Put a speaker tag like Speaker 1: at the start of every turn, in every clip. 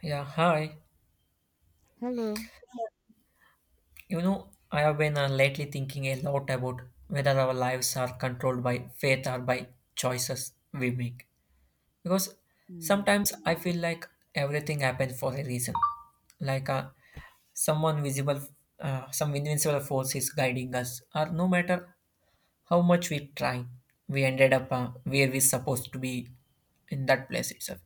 Speaker 1: Yeah, hi.
Speaker 2: Hello.
Speaker 1: I have been lately thinking a lot about whether our lives are controlled by faith or by choices we make. Because
Speaker 2: Hmm.
Speaker 1: sometimes I feel like everything happens for a reason. Like someone visible, some invincible force is guiding us, or no matter how much we try, we ended up where we're supposed to be in that place itself.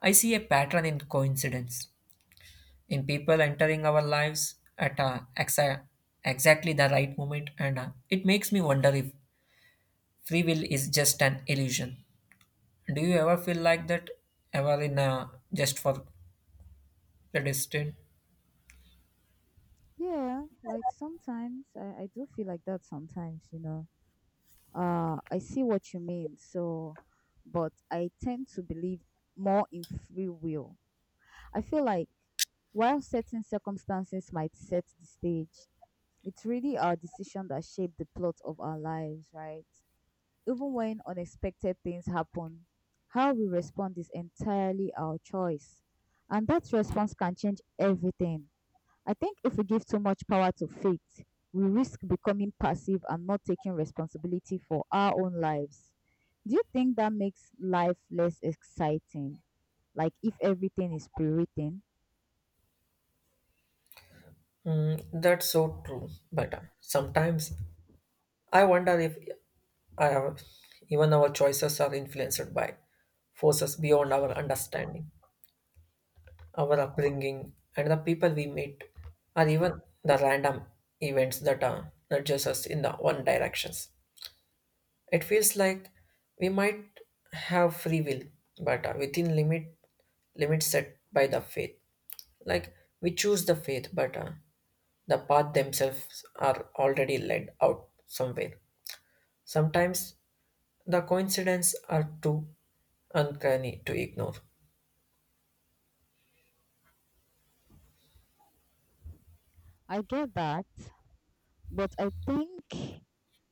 Speaker 1: I see a pattern in coincidence, in people entering our lives at exactly the right moment, and it makes me wonder if free will is just an illusion. Do you ever feel like that, ever in just for the distant?
Speaker 2: Yeah, like sometimes I do feel like that sometimes, I see what you mean. But I tend to believe more in free will. I feel like while certain circumstances might set the stage, it's really our decision that shape the plot of our lives, right? Even when unexpected things happen, how we respond is entirely our choice. And that response can change everything. I think if we give too much power to faith, we risk becoming passive and not taking responsibility for our own lives. Do you think that makes life less exciting? Like if everything is pre-written?
Speaker 1: Mm, that's so true. But sometimes I wonder if I have, even our choices are influenced by forces beyond our understanding. Our upbringing, and the people we meet, or even the random events that nudges us in the one directions. It feels like we might have free will, but within limit limits set by the faith. Like we choose the faith, but the path themselves are already led out somewhere. Sometimes the coincidences are too uncanny to ignore.
Speaker 2: I get that, but I think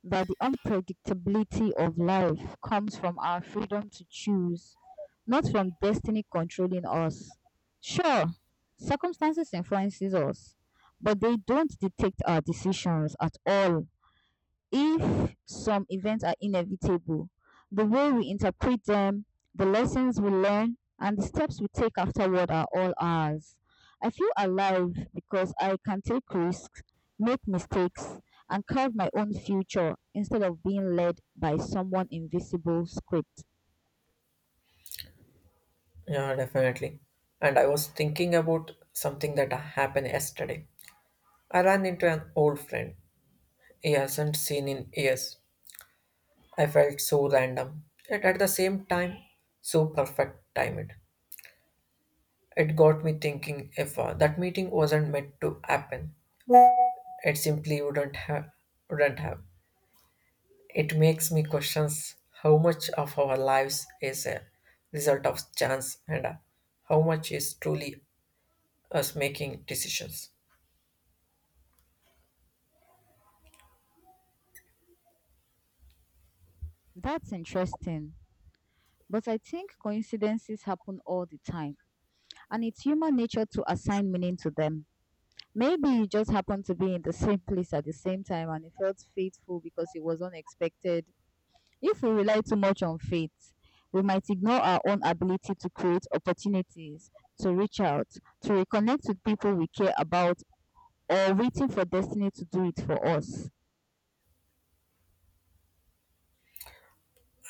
Speaker 2: that the unpredictability of life comes from our freedom to choose, not from destiny controlling us. Sure, circumstances influences us, but they don't dictate our decisions at all. If some events are inevitable, the way we interpret them, the lessons we learn, and the steps we take afterward are all ours. I feel alive because I can take risks, make mistakes, and carve my own future instead of being led by someone invisible script.
Speaker 1: Yeah, definitely. And I was thinking about something that happened yesterday. I ran into an old friend he hasn't seen in years. I felt so random, yet at the same time, so perfect timed. It got me thinking, if that meeting wasn't meant to happen, it simply wouldn't have. It makes me question how much of our lives is a result of chance, and how much is truly us making decisions.
Speaker 2: That's interesting. But I think coincidences happen all the time, and it's human nature to assign meaning to them. Maybe you just happened to be in the same place at the same time and it felt faithful because it was unexpected. If we rely too much on faith, we might ignore our own ability to create opportunities, to reach out, to reconnect with people we care about, or waiting for destiny to do it for us.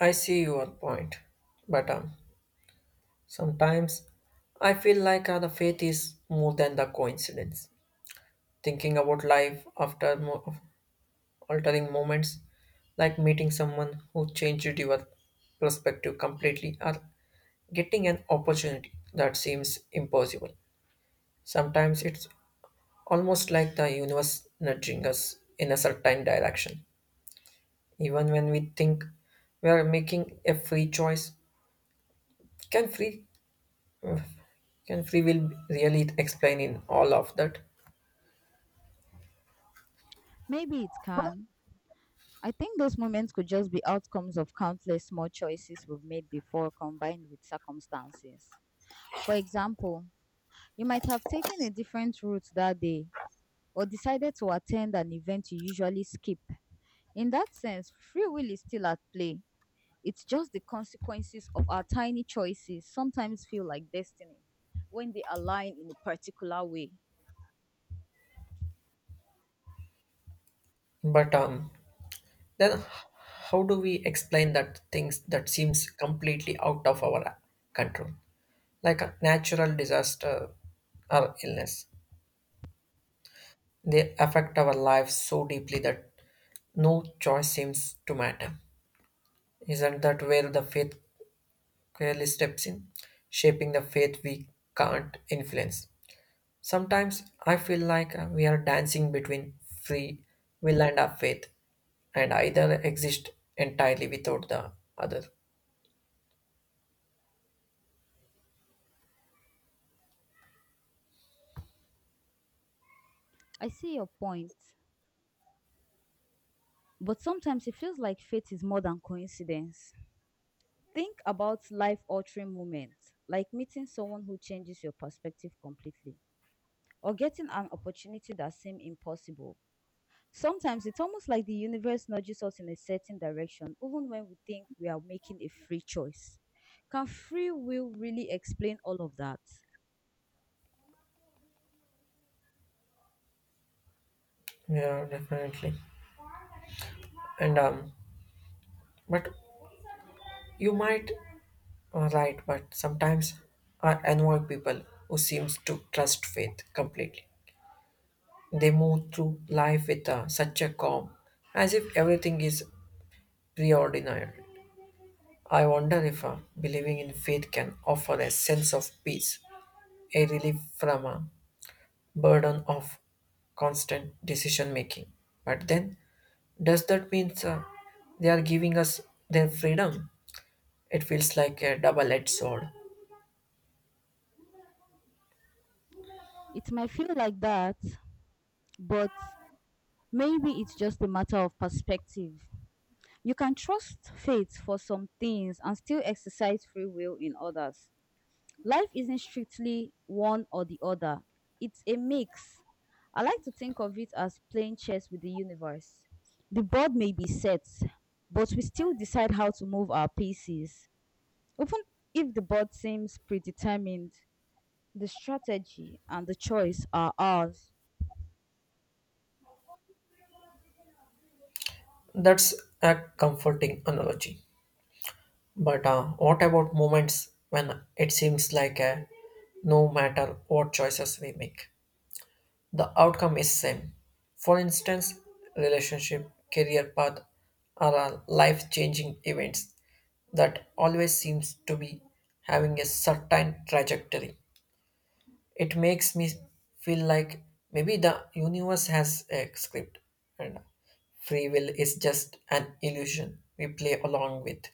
Speaker 1: I see your point, but sometimes I feel like the faith is more than the coincidence. Thinking about life altering moments, like meeting someone who changed your perspective completely, or getting an opportunity that seems impossible. Sometimes it's almost like the universe nudging us in a certain direction, even when we think we are making a free choice. Can free Ugh, can free will really explain in all of that?
Speaker 2: Maybe it can. I think those moments could just be outcomes of countless small choices we've made before combined with circumstances. For example, you might have taken a different route that day or decided to attend an event you usually skip. In that sense, free will is still at play. It's just the consequences of our tiny choices sometimes feel like destiny when they align in a particular way.
Speaker 1: But then h- how do we explain that things that seems completely out of our control, like a natural disaster or illness, they affect our lives so deeply that no choice seems to matter? Isn't that where the faith clearly steps in, shaping the faith we can't influence? Sometimes I feel like we are dancing between free will and our faith, and either exist entirely without the other.
Speaker 2: I see your point, but sometimes it feels like fate is more than coincidence. Think about life altering moments, like meeting someone who changes your perspective completely, or getting an opportunity that seemed impossible. Sometimes it's almost like the universe nudges us in a certain direction, even when we think we are making a free choice. Can free will really explain all of that?
Speaker 1: Yeah, definitely. And but you might right, but sometimes I annoy people who seems to trust faith completely. They move through life with such a calm, as if everything is preordained. I wonder if believing in faith can offer a sense of peace, a relief from burden of constant decision making. But then, does that mean they are giving us their freedom? It feels like a double edged sword.
Speaker 2: It might feel like that, but maybe it's just a matter of perspective. You can trust fate for some things and still exercise free will in others. Life isn't strictly one or the other, it's a mix. I like to think of it as playing chess with the universe. The board may be set, but we still decide how to move our pieces. Even if the board seems predetermined, the strategy and the choice are ours.
Speaker 1: That's a comforting analogy. But what about moments when it seems like no matter what choices we make, the outcome is same? For instance, relationship, career path are life changing events that always seems to be having a certain trajectory. It makes me feel like maybe the universe has a script and free will is just an illusion we play along with.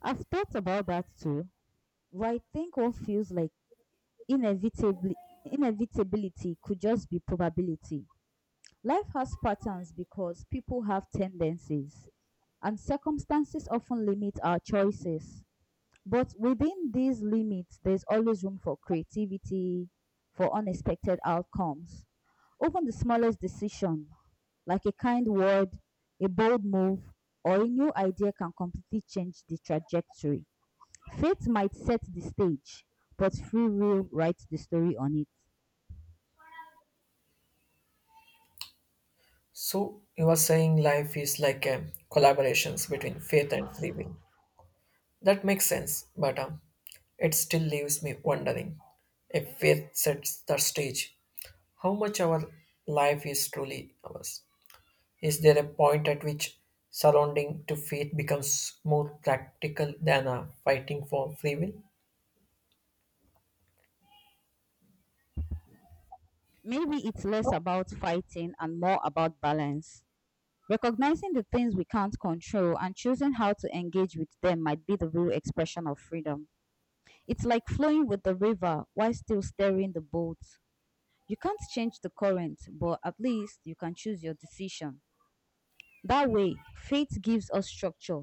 Speaker 2: I've thought about that too, but I think what feels like inevitably inevitability could just be probability. Life has patterns because people have tendencies, and circumstances often limit our choices. But within these limits, there's always room for creativity, for unexpected outcomes. Even the smallest decision, like a kind word, a bold move, or a new idea, can completely change the trajectory. Fate might set the stage, but free will writes the story on it.
Speaker 1: So you are saying life is like a collaborations between faith and free will. That makes sense, but it still leaves me wondering if faith sets the stage, how much our life is truly ours. Is there a point at which surrounding to faith becomes more practical than fighting for free will?
Speaker 2: Maybe it's less about fighting and more about balance. Recognizing the things we can't control and choosing how to engage with them might be the real expression of freedom. It's like flowing with the river while still steering the boat. You can't change the current, but at least you can choose your decision. That way, faith gives us structure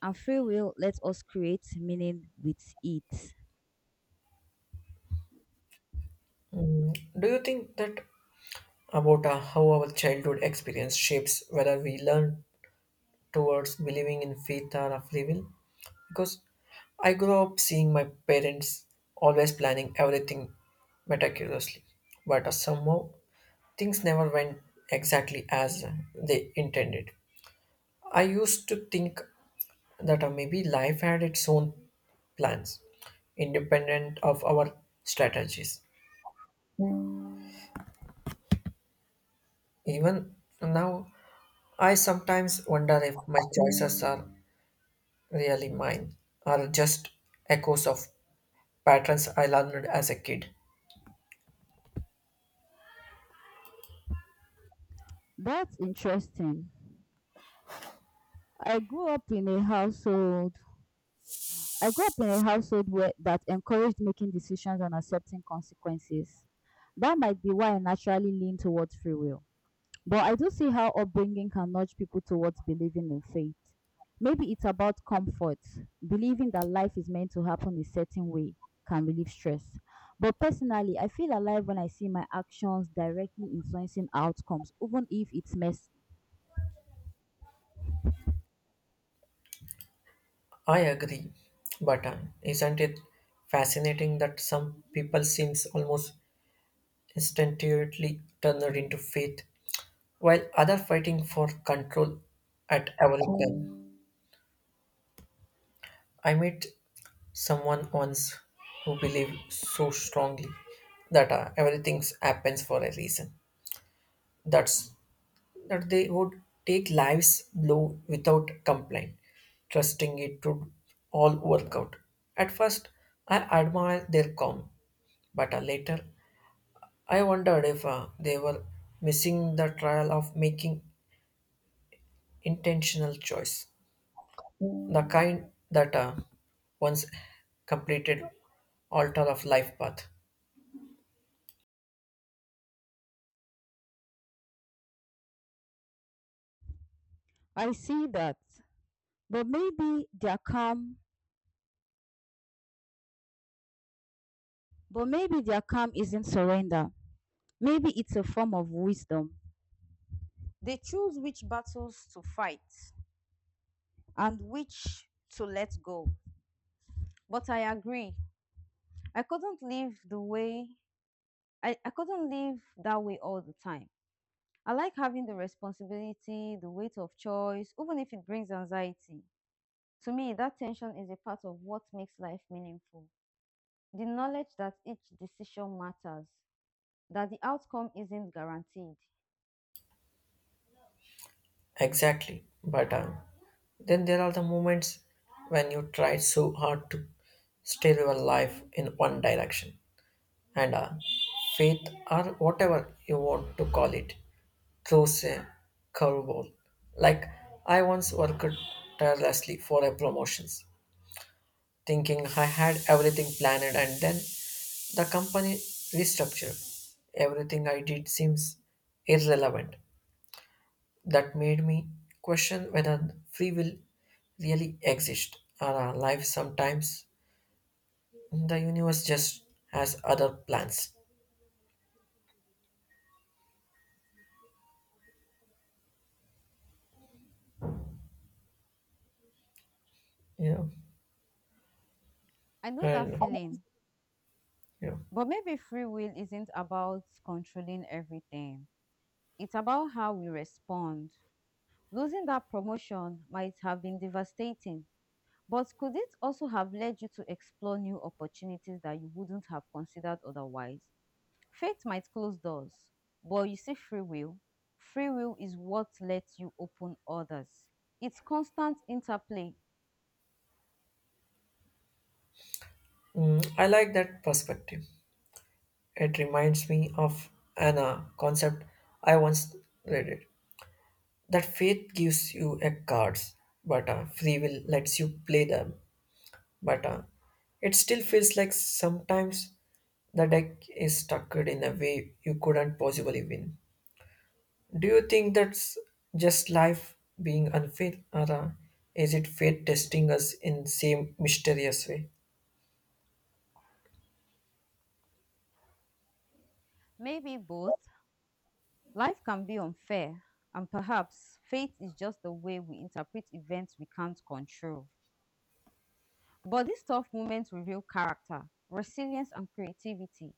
Speaker 2: and free will lets us create meaning with it.
Speaker 1: Mm, do you think that about how our childhood experience shapes whether we learn towards believing in faith or a free will? Because I grew up seeing my parents always planning everything meticulously, but somehow things never went exactly as they intended. I used to think that maybe life had its own plans, independent of our strategies. Even now, I sometimes wonder if my choices are really mine, or just echoes of patterns I learned as a kid.
Speaker 2: That's interesting. I grew up in a household I grew up in a household where that encouraged making decisions and accepting consequences. That might be why I naturally lean towards free will. But I do see how upbringing can nudge people towards believing in fate. Maybe it's about comfort, believing that life is meant to happen a certain way can relieve stress. But personally, I feel alive when I see my actions directly influencing outcomes, even if it's messy.
Speaker 1: I agree, but isn't it fascinating that some people seems almost instinctively turned into faith, while other fighting for control at every turn? I met someone once who believed so strongly that everything happens for a reason. That's that they would take life's blow without complaint, trusting it would all work out. At first, I admired their calm, but later I wondered if they were missing the trial of making intentional choice, the kind that once completed altar of life path.
Speaker 2: I see that. But maybe their calm, but maybe their calm isn't surrender. Maybe it's a form of wisdom. They choose which battles to fight and which to let go. But I agree. I couldn't live the way I couldn't live that way all the time. I like having the responsibility, the weight of choice, even if it brings anxiety. To me, that tension is a part of what makes life meaningful. The knowledge that each decision matters, that the outcome isn't guaranteed.
Speaker 1: Exactly, but then there are the moments when you try so hard to steer your life in one direction, and faith, or whatever you want to call it, throws a curveball. Like, I once worked tirelessly for a promotions, thinking I had everything planned, and then the company restructured. Everything I did seems irrelevant. That made me question whether free will really exists, or our life sometimes the universe just has other plans. You know,
Speaker 2: I know that
Speaker 1: and
Speaker 2: feeling.
Speaker 1: you know.
Speaker 2: But maybe free will isn't about controlling everything. It's about how we respond. Losing that promotion might have been devastating, but could it also have led you to explore new opportunities that you wouldn't have considered otherwise? Fate might close doors, but you see, free will is what lets you open others. It's constant interplay,
Speaker 1: Mm, I like that perspective. It reminds me of an concept I once read it that faith gives you a cards, but free will lets you play them. But it still feels like sometimes the deck is structured in a way you couldn't possibly win. Do you think that's just life being unfair, or is it fate testing us in same mysterious way?
Speaker 2: maybe both. Life can be unfair, and perhaps fate is just the way we interpret events we can't control. But these tough moments reveal character, resilience, and creativity.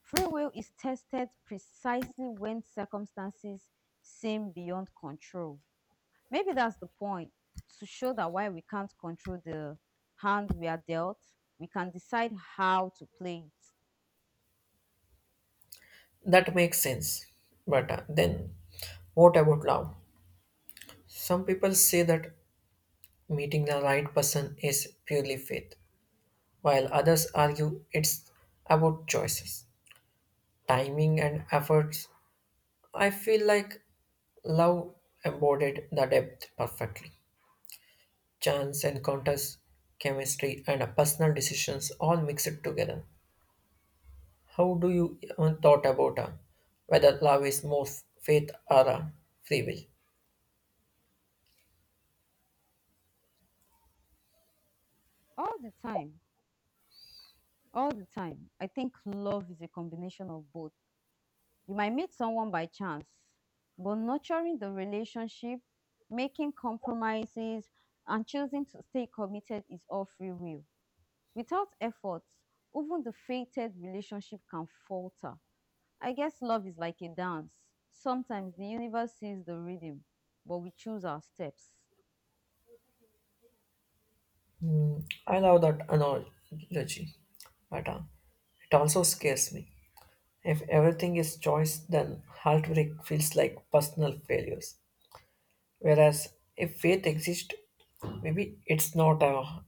Speaker 2: Free will is tested precisely when circumstances seem beyond control. Maybe that's the point to show that while we can't control the hand we are dealt, we can decide how to play it.
Speaker 1: That makes sense. But then, what about love? Some people say that meeting the right person is purely faith, while others argue it's about choices, timing, and efforts. I feel like love embodied the depth perfectly. Chance encounters, chemistry, and personal decisions all mixed together. How do you even thought about whether love is more faith or free will?
Speaker 2: All the time, all the time, I think love is a combination of both. You might meet someone by chance, but nurturing the relationship, making compromises, and choosing to stay committed is all free will. Without effort, even the fated relationship can falter. I guess love is like a dance. Sometimes the universe sees the rhythm, but we choose our steps.
Speaker 1: I love that analogy, but it also scares me. If everything is choice, then heartbreak feels like personal failures. Whereas if faith exists, maybe it's not our,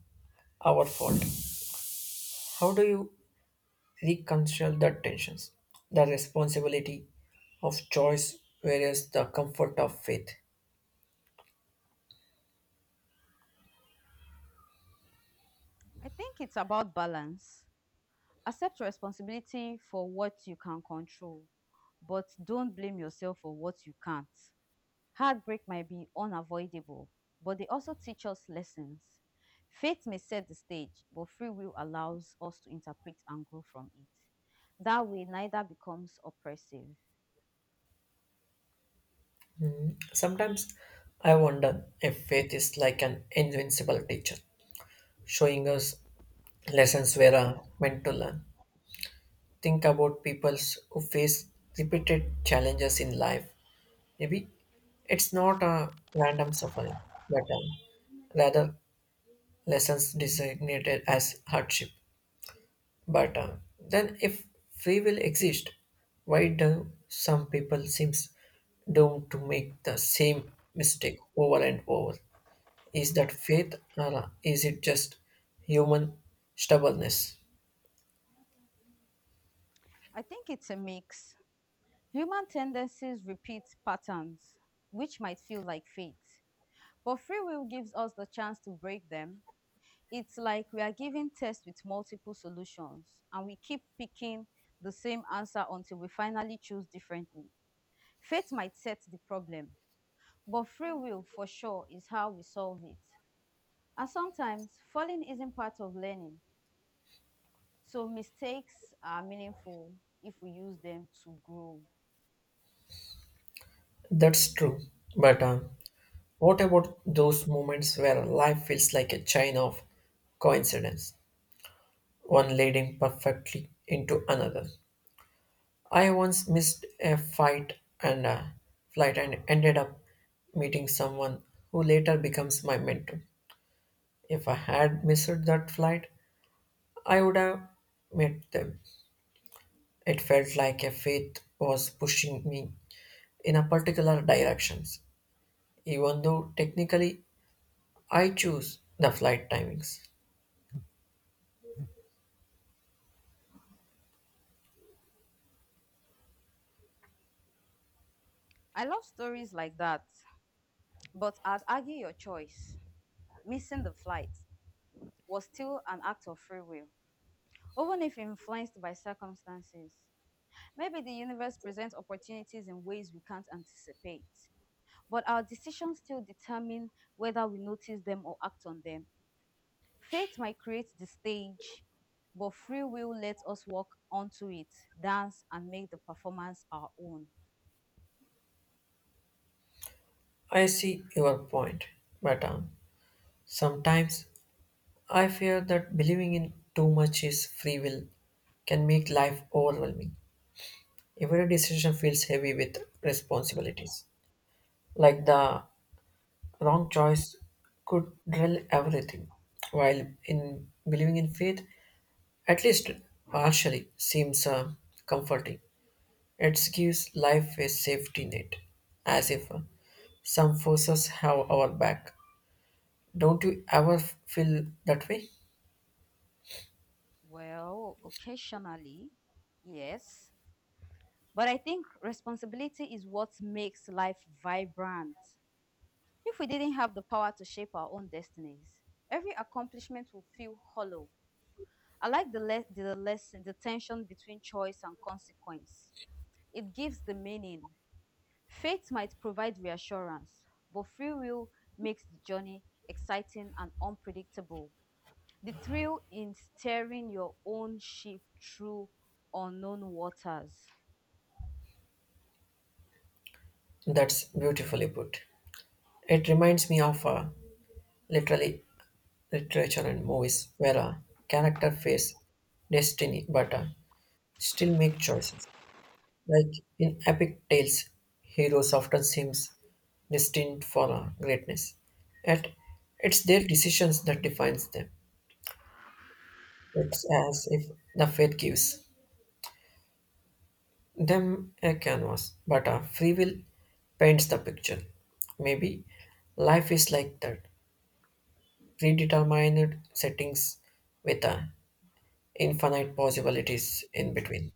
Speaker 1: our fault. How do you reconcile the tensions? The responsibility of choice whereas the comfort of faith.
Speaker 2: I think it's about balance. Accept responsibility for what you can control, but don't blame yourself for what you can't. Heartbreak might be unavoidable, but they also teach us lessons. Fate may set the stage, but free will allows us to interpret and grow from it. That way, neither becomes oppressive.
Speaker 1: Sometimes I wonder if faith is like an invincible teacher, showing us lessons we are meant to learn. Think about peoples who face repeated challenges in life. Maybe it's not a random suffering, but rather lessons designated as hardship. But then, if free will exists, why do some people seems doomed to make the same mistake over and over? Is that faith, or is it just human stubbornness?
Speaker 2: I think it's a mix. Human tendencies repeat patterns, which might feel like fate, but free will gives us the chance to break them. It's like we are given tests with multiple solutions, and we keep picking the same answer until we finally choose differently. Faith might set the problem, but free will for sure is how we solve it. And sometimes falling isn't part of learning, so mistakes are meaningful if we use them to grow.
Speaker 1: That's true. But what about those moments where life feels like a chain of coincidence, one leading perfectly into another? I once missed a fight and a flight and ended up meeting someone who later becomes my mentor. If I had missed that flight, I would have met them. It felt like a faith was pushing me in a particular directions, even though technically I choose the flight timings.
Speaker 2: I love stories like that, but I'd argue your choice, missing the flight, was still an act of free will, even if influenced by circumstances. Maybe the universe presents opportunities in ways we can't anticipate, but our decisions still determine whether we notice them or act on them. Faith might create the stage, but free will lets us walk onto it, dance, and make the performance our own.
Speaker 1: I see your point, but sometimes I fear that believing in too much is free will can make life overwhelming. Every decision feels heavy with responsibilities. Like the wrong choice could drill everything. While in believing in faith, at least partially, seems comforting. It gives life a safety net, as if some forces have our back. Don't you ever feel that way?
Speaker 2: Well, occasionally, yes. But I think responsibility is what makes life vibrant. If we didn't have the power to shape our own destinies, every accomplishment will feel hollow. I like the lesson, the tension between choice and consequence. It gives the meaning. Faith might provide reassurance, but free will makes the journey exciting and unpredictable. The thrill in steering your own ship through unknown waters.
Speaker 1: That's beautifully put. It reminds me of Literally, literature and movies where a character face destiny, but still make choices. Like in epic tales, heroes often seems destined for greatness, yet it's their decisions that defines them. It's as if the fate gives them a canvas, but our free will paints the picture. Maybe life is like that, predetermined settings with infinite possibilities in between.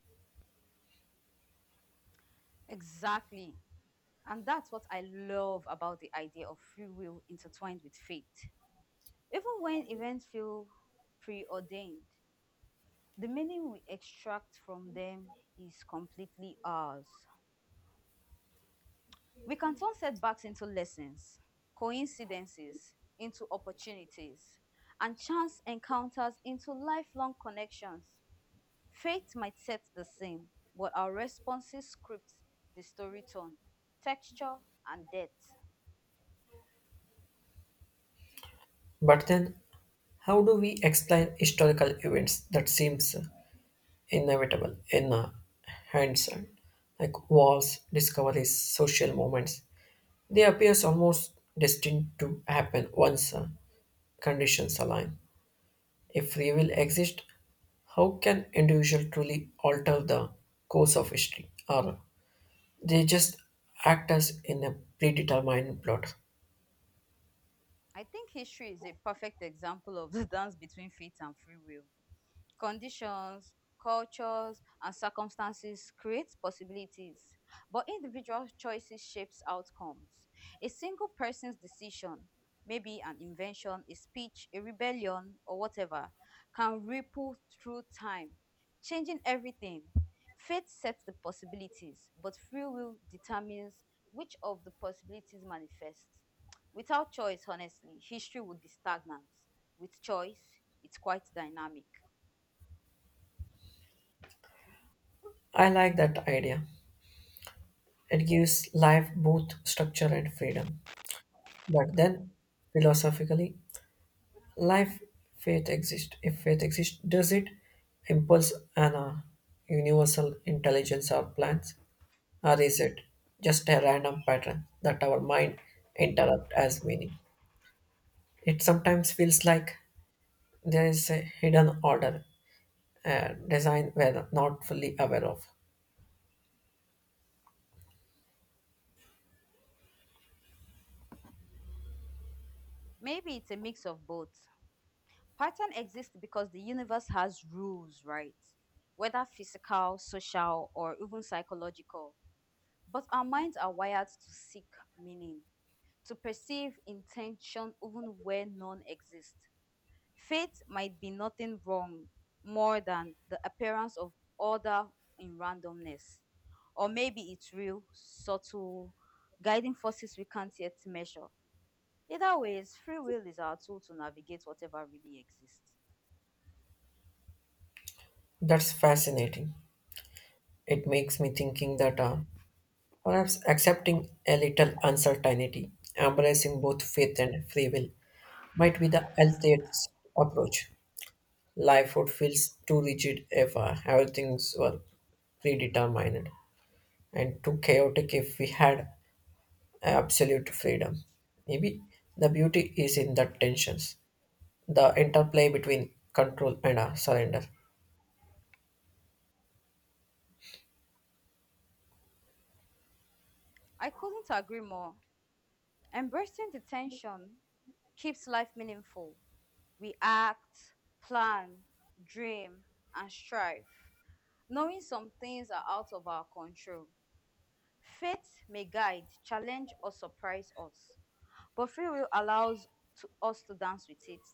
Speaker 2: Exactly. And that's what I love about the idea of free will intertwined with faith. Even when events feel preordained, the meaning we extract from them is completely ours. We can turn setbacks into lessons, coincidences into opportunities, and chance encounters into lifelong connections. Fate might set the scene, but our responses script the story tone, texture, and depth.
Speaker 1: But then, how do we explain historical events that seems inevitable in hindsight, like wars, discoveries, social movements? They appear almost destined to happen once conditions align. If free will exists, how can individual truly alter the course of history, or they just act as in a predetermined plot?
Speaker 2: I think history is a perfect example of the dance between fate and free will. Conditions, cultures, and circumstances create possibilities, but individual choices shapes outcomes. A single person's decision, maybe an invention, a speech, a rebellion, or whatever, can ripple through time, changing everything. Fate sets the possibilities, but free will determines which of the possibilities manifests. Without choice, honestly, history would be stagnant. With choice, it's quite dynamic.
Speaker 1: I like that idea. It gives life both structure and freedom. But then, philosophically, life, faith exists. If faith exists, does it impulse an universal intelligence or plans? Or is it just a random pattern that our mind interrupt as meaning? It sometimes feels like there is a hidden order, a design we're not fully aware of.
Speaker 2: Maybe it's a mix of both. Pattern exists because the universe has rules, right? Whether physical, social, or even psychological. But our minds are wired to seek meaning, to perceive intention even where none exists. Fate might be nothing wrong more than the appearance of order in randomness. Or maybe it's real, subtle, guiding forces we can't yet measure. Either ways, free will is our tool to navigate whatever really exists.
Speaker 1: That's fascinating. It makes me thinking that perhaps accepting a little uncertainty, embracing both faith and free will might be the healthiest approach. Life would feel too rigid if everything's were predetermined, and too chaotic if we had absolute freedom. Maybe the beauty is in the tensions, the interplay between control and surrender.
Speaker 2: I couldn't agree more. Embracing the tension keeps life meaningful. We act, plan, dream, and strive, knowing some things are out of our control. Fate may guide, challenge, or surprise us, but free will allows to us to dance with it,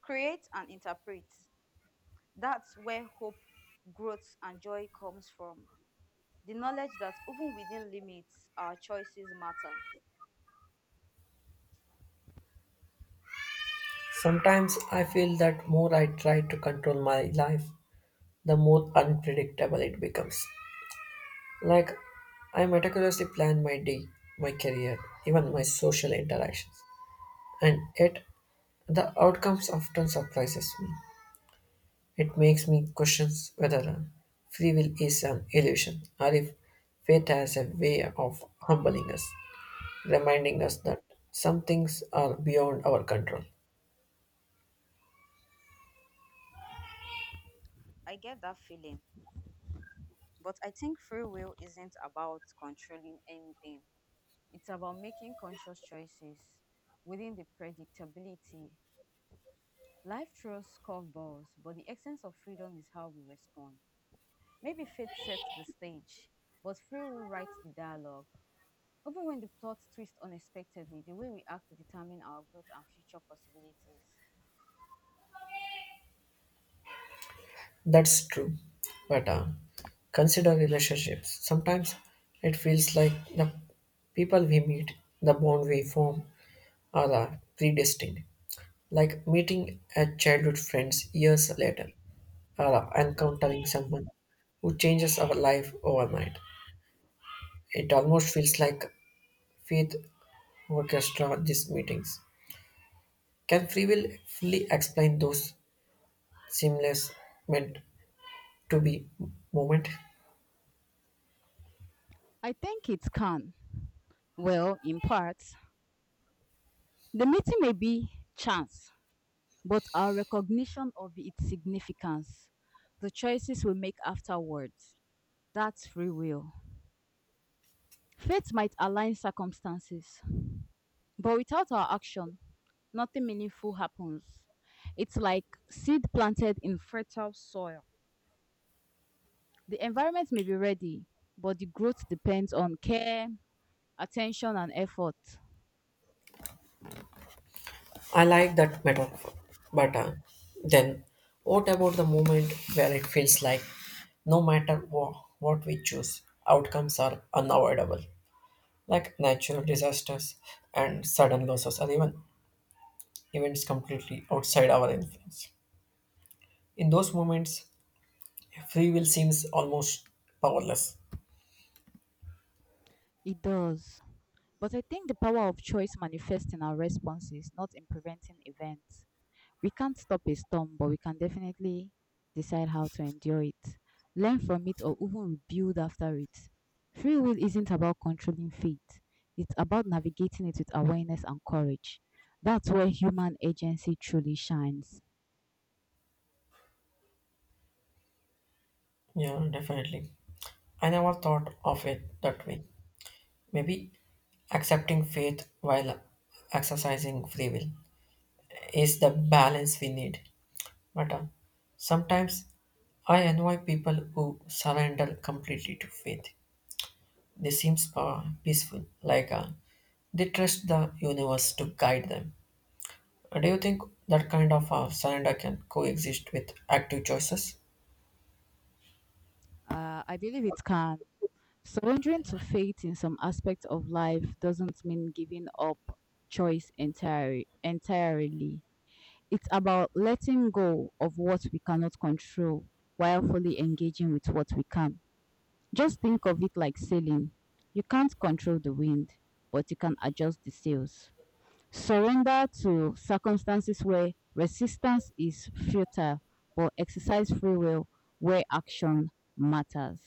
Speaker 2: create, and interpret. That's where hope, growth, and joy comes from. The knowledge that even within limits, our choices matter.
Speaker 1: Sometimes I feel that more I try to control my life, the more unpredictable it becomes. Like I meticulously plan my day, my career, even my social interactions, and yet the outcomes often surprises me. It makes me question whether free will is an illusion, or if fate has a way of humbling us, reminding us that some things are beyond our control.
Speaker 2: I get that feeling. But I think free will isn't about controlling anything, it's about making conscious choices within the predictability. Life throws curveballs, but the essence of freedom is how we respond. Maybe fate sets the stage, but free will writes the dialogue. Even when the plot twists unexpectedly, the way we act determines our growth and future possibilities.
Speaker 1: That's true, but consider relationships. Sometimes it feels like the people we meet, the bond we form, are predestined, like meeting a childhood friends years later, or encountering someone who changes our life overnight. It almost feels like faith orchestra these meetings. Can free will fully explain those seamless meant to be moment?
Speaker 2: I think it can. Well, in part. The meeting may be chance, but our recognition of its significance, the choices we make afterwards, that's free will. Fate might align circumstances, but without our action, nothing meaningful happens. It's like seed planted in fertile soil. The environment may be ready, but the growth depends on care, attention, and effort.
Speaker 1: I like that metaphor, but then what about the moment where it feels like no matter what we choose, outcomes are unavoidable, like natural disasters and sudden losses, or even events completely outside our influence? In those moments, free will seems almost powerless.
Speaker 2: It does. But I think the power of choice manifests in our responses, not in preventing events. We can't stop a storm, but we can definitely decide how to endure it, learn from it, or even rebuild after it. Free will isn't about controlling fate, it's about navigating it with awareness and courage. That's where human agency truly shines.
Speaker 1: Yeah, definitely. I never thought of it that way. Maybe accepting faith while exercising free will is the balance we need. But sometimes I annoy people who surrender completely to faith. They seem peaceful, like they trust the universe to guide them. Do you think that kind of surrender can coexist with active choices?
Speaker 2: I believe it can. Surrendering to fate in some aspects of life doesn't mean giving up choice entirely. Entirely. It's about letting go of what we cannot control while fully engaging with what we can. Just think of it like sailing. You can't control the wind, but you can adjust the sails. Surrender to circumstances where resistance is futile, but exercise free will where action matters.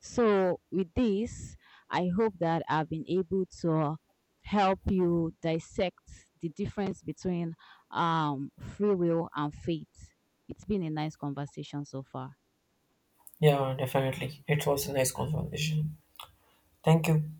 Speaker 2: So, with this, I hope that I've been able to help you dissect the difference between free will and faith. It's been a nice conversation so far.
Speaker 1: Yeah, definitely. It was a nice conversation. Thank you.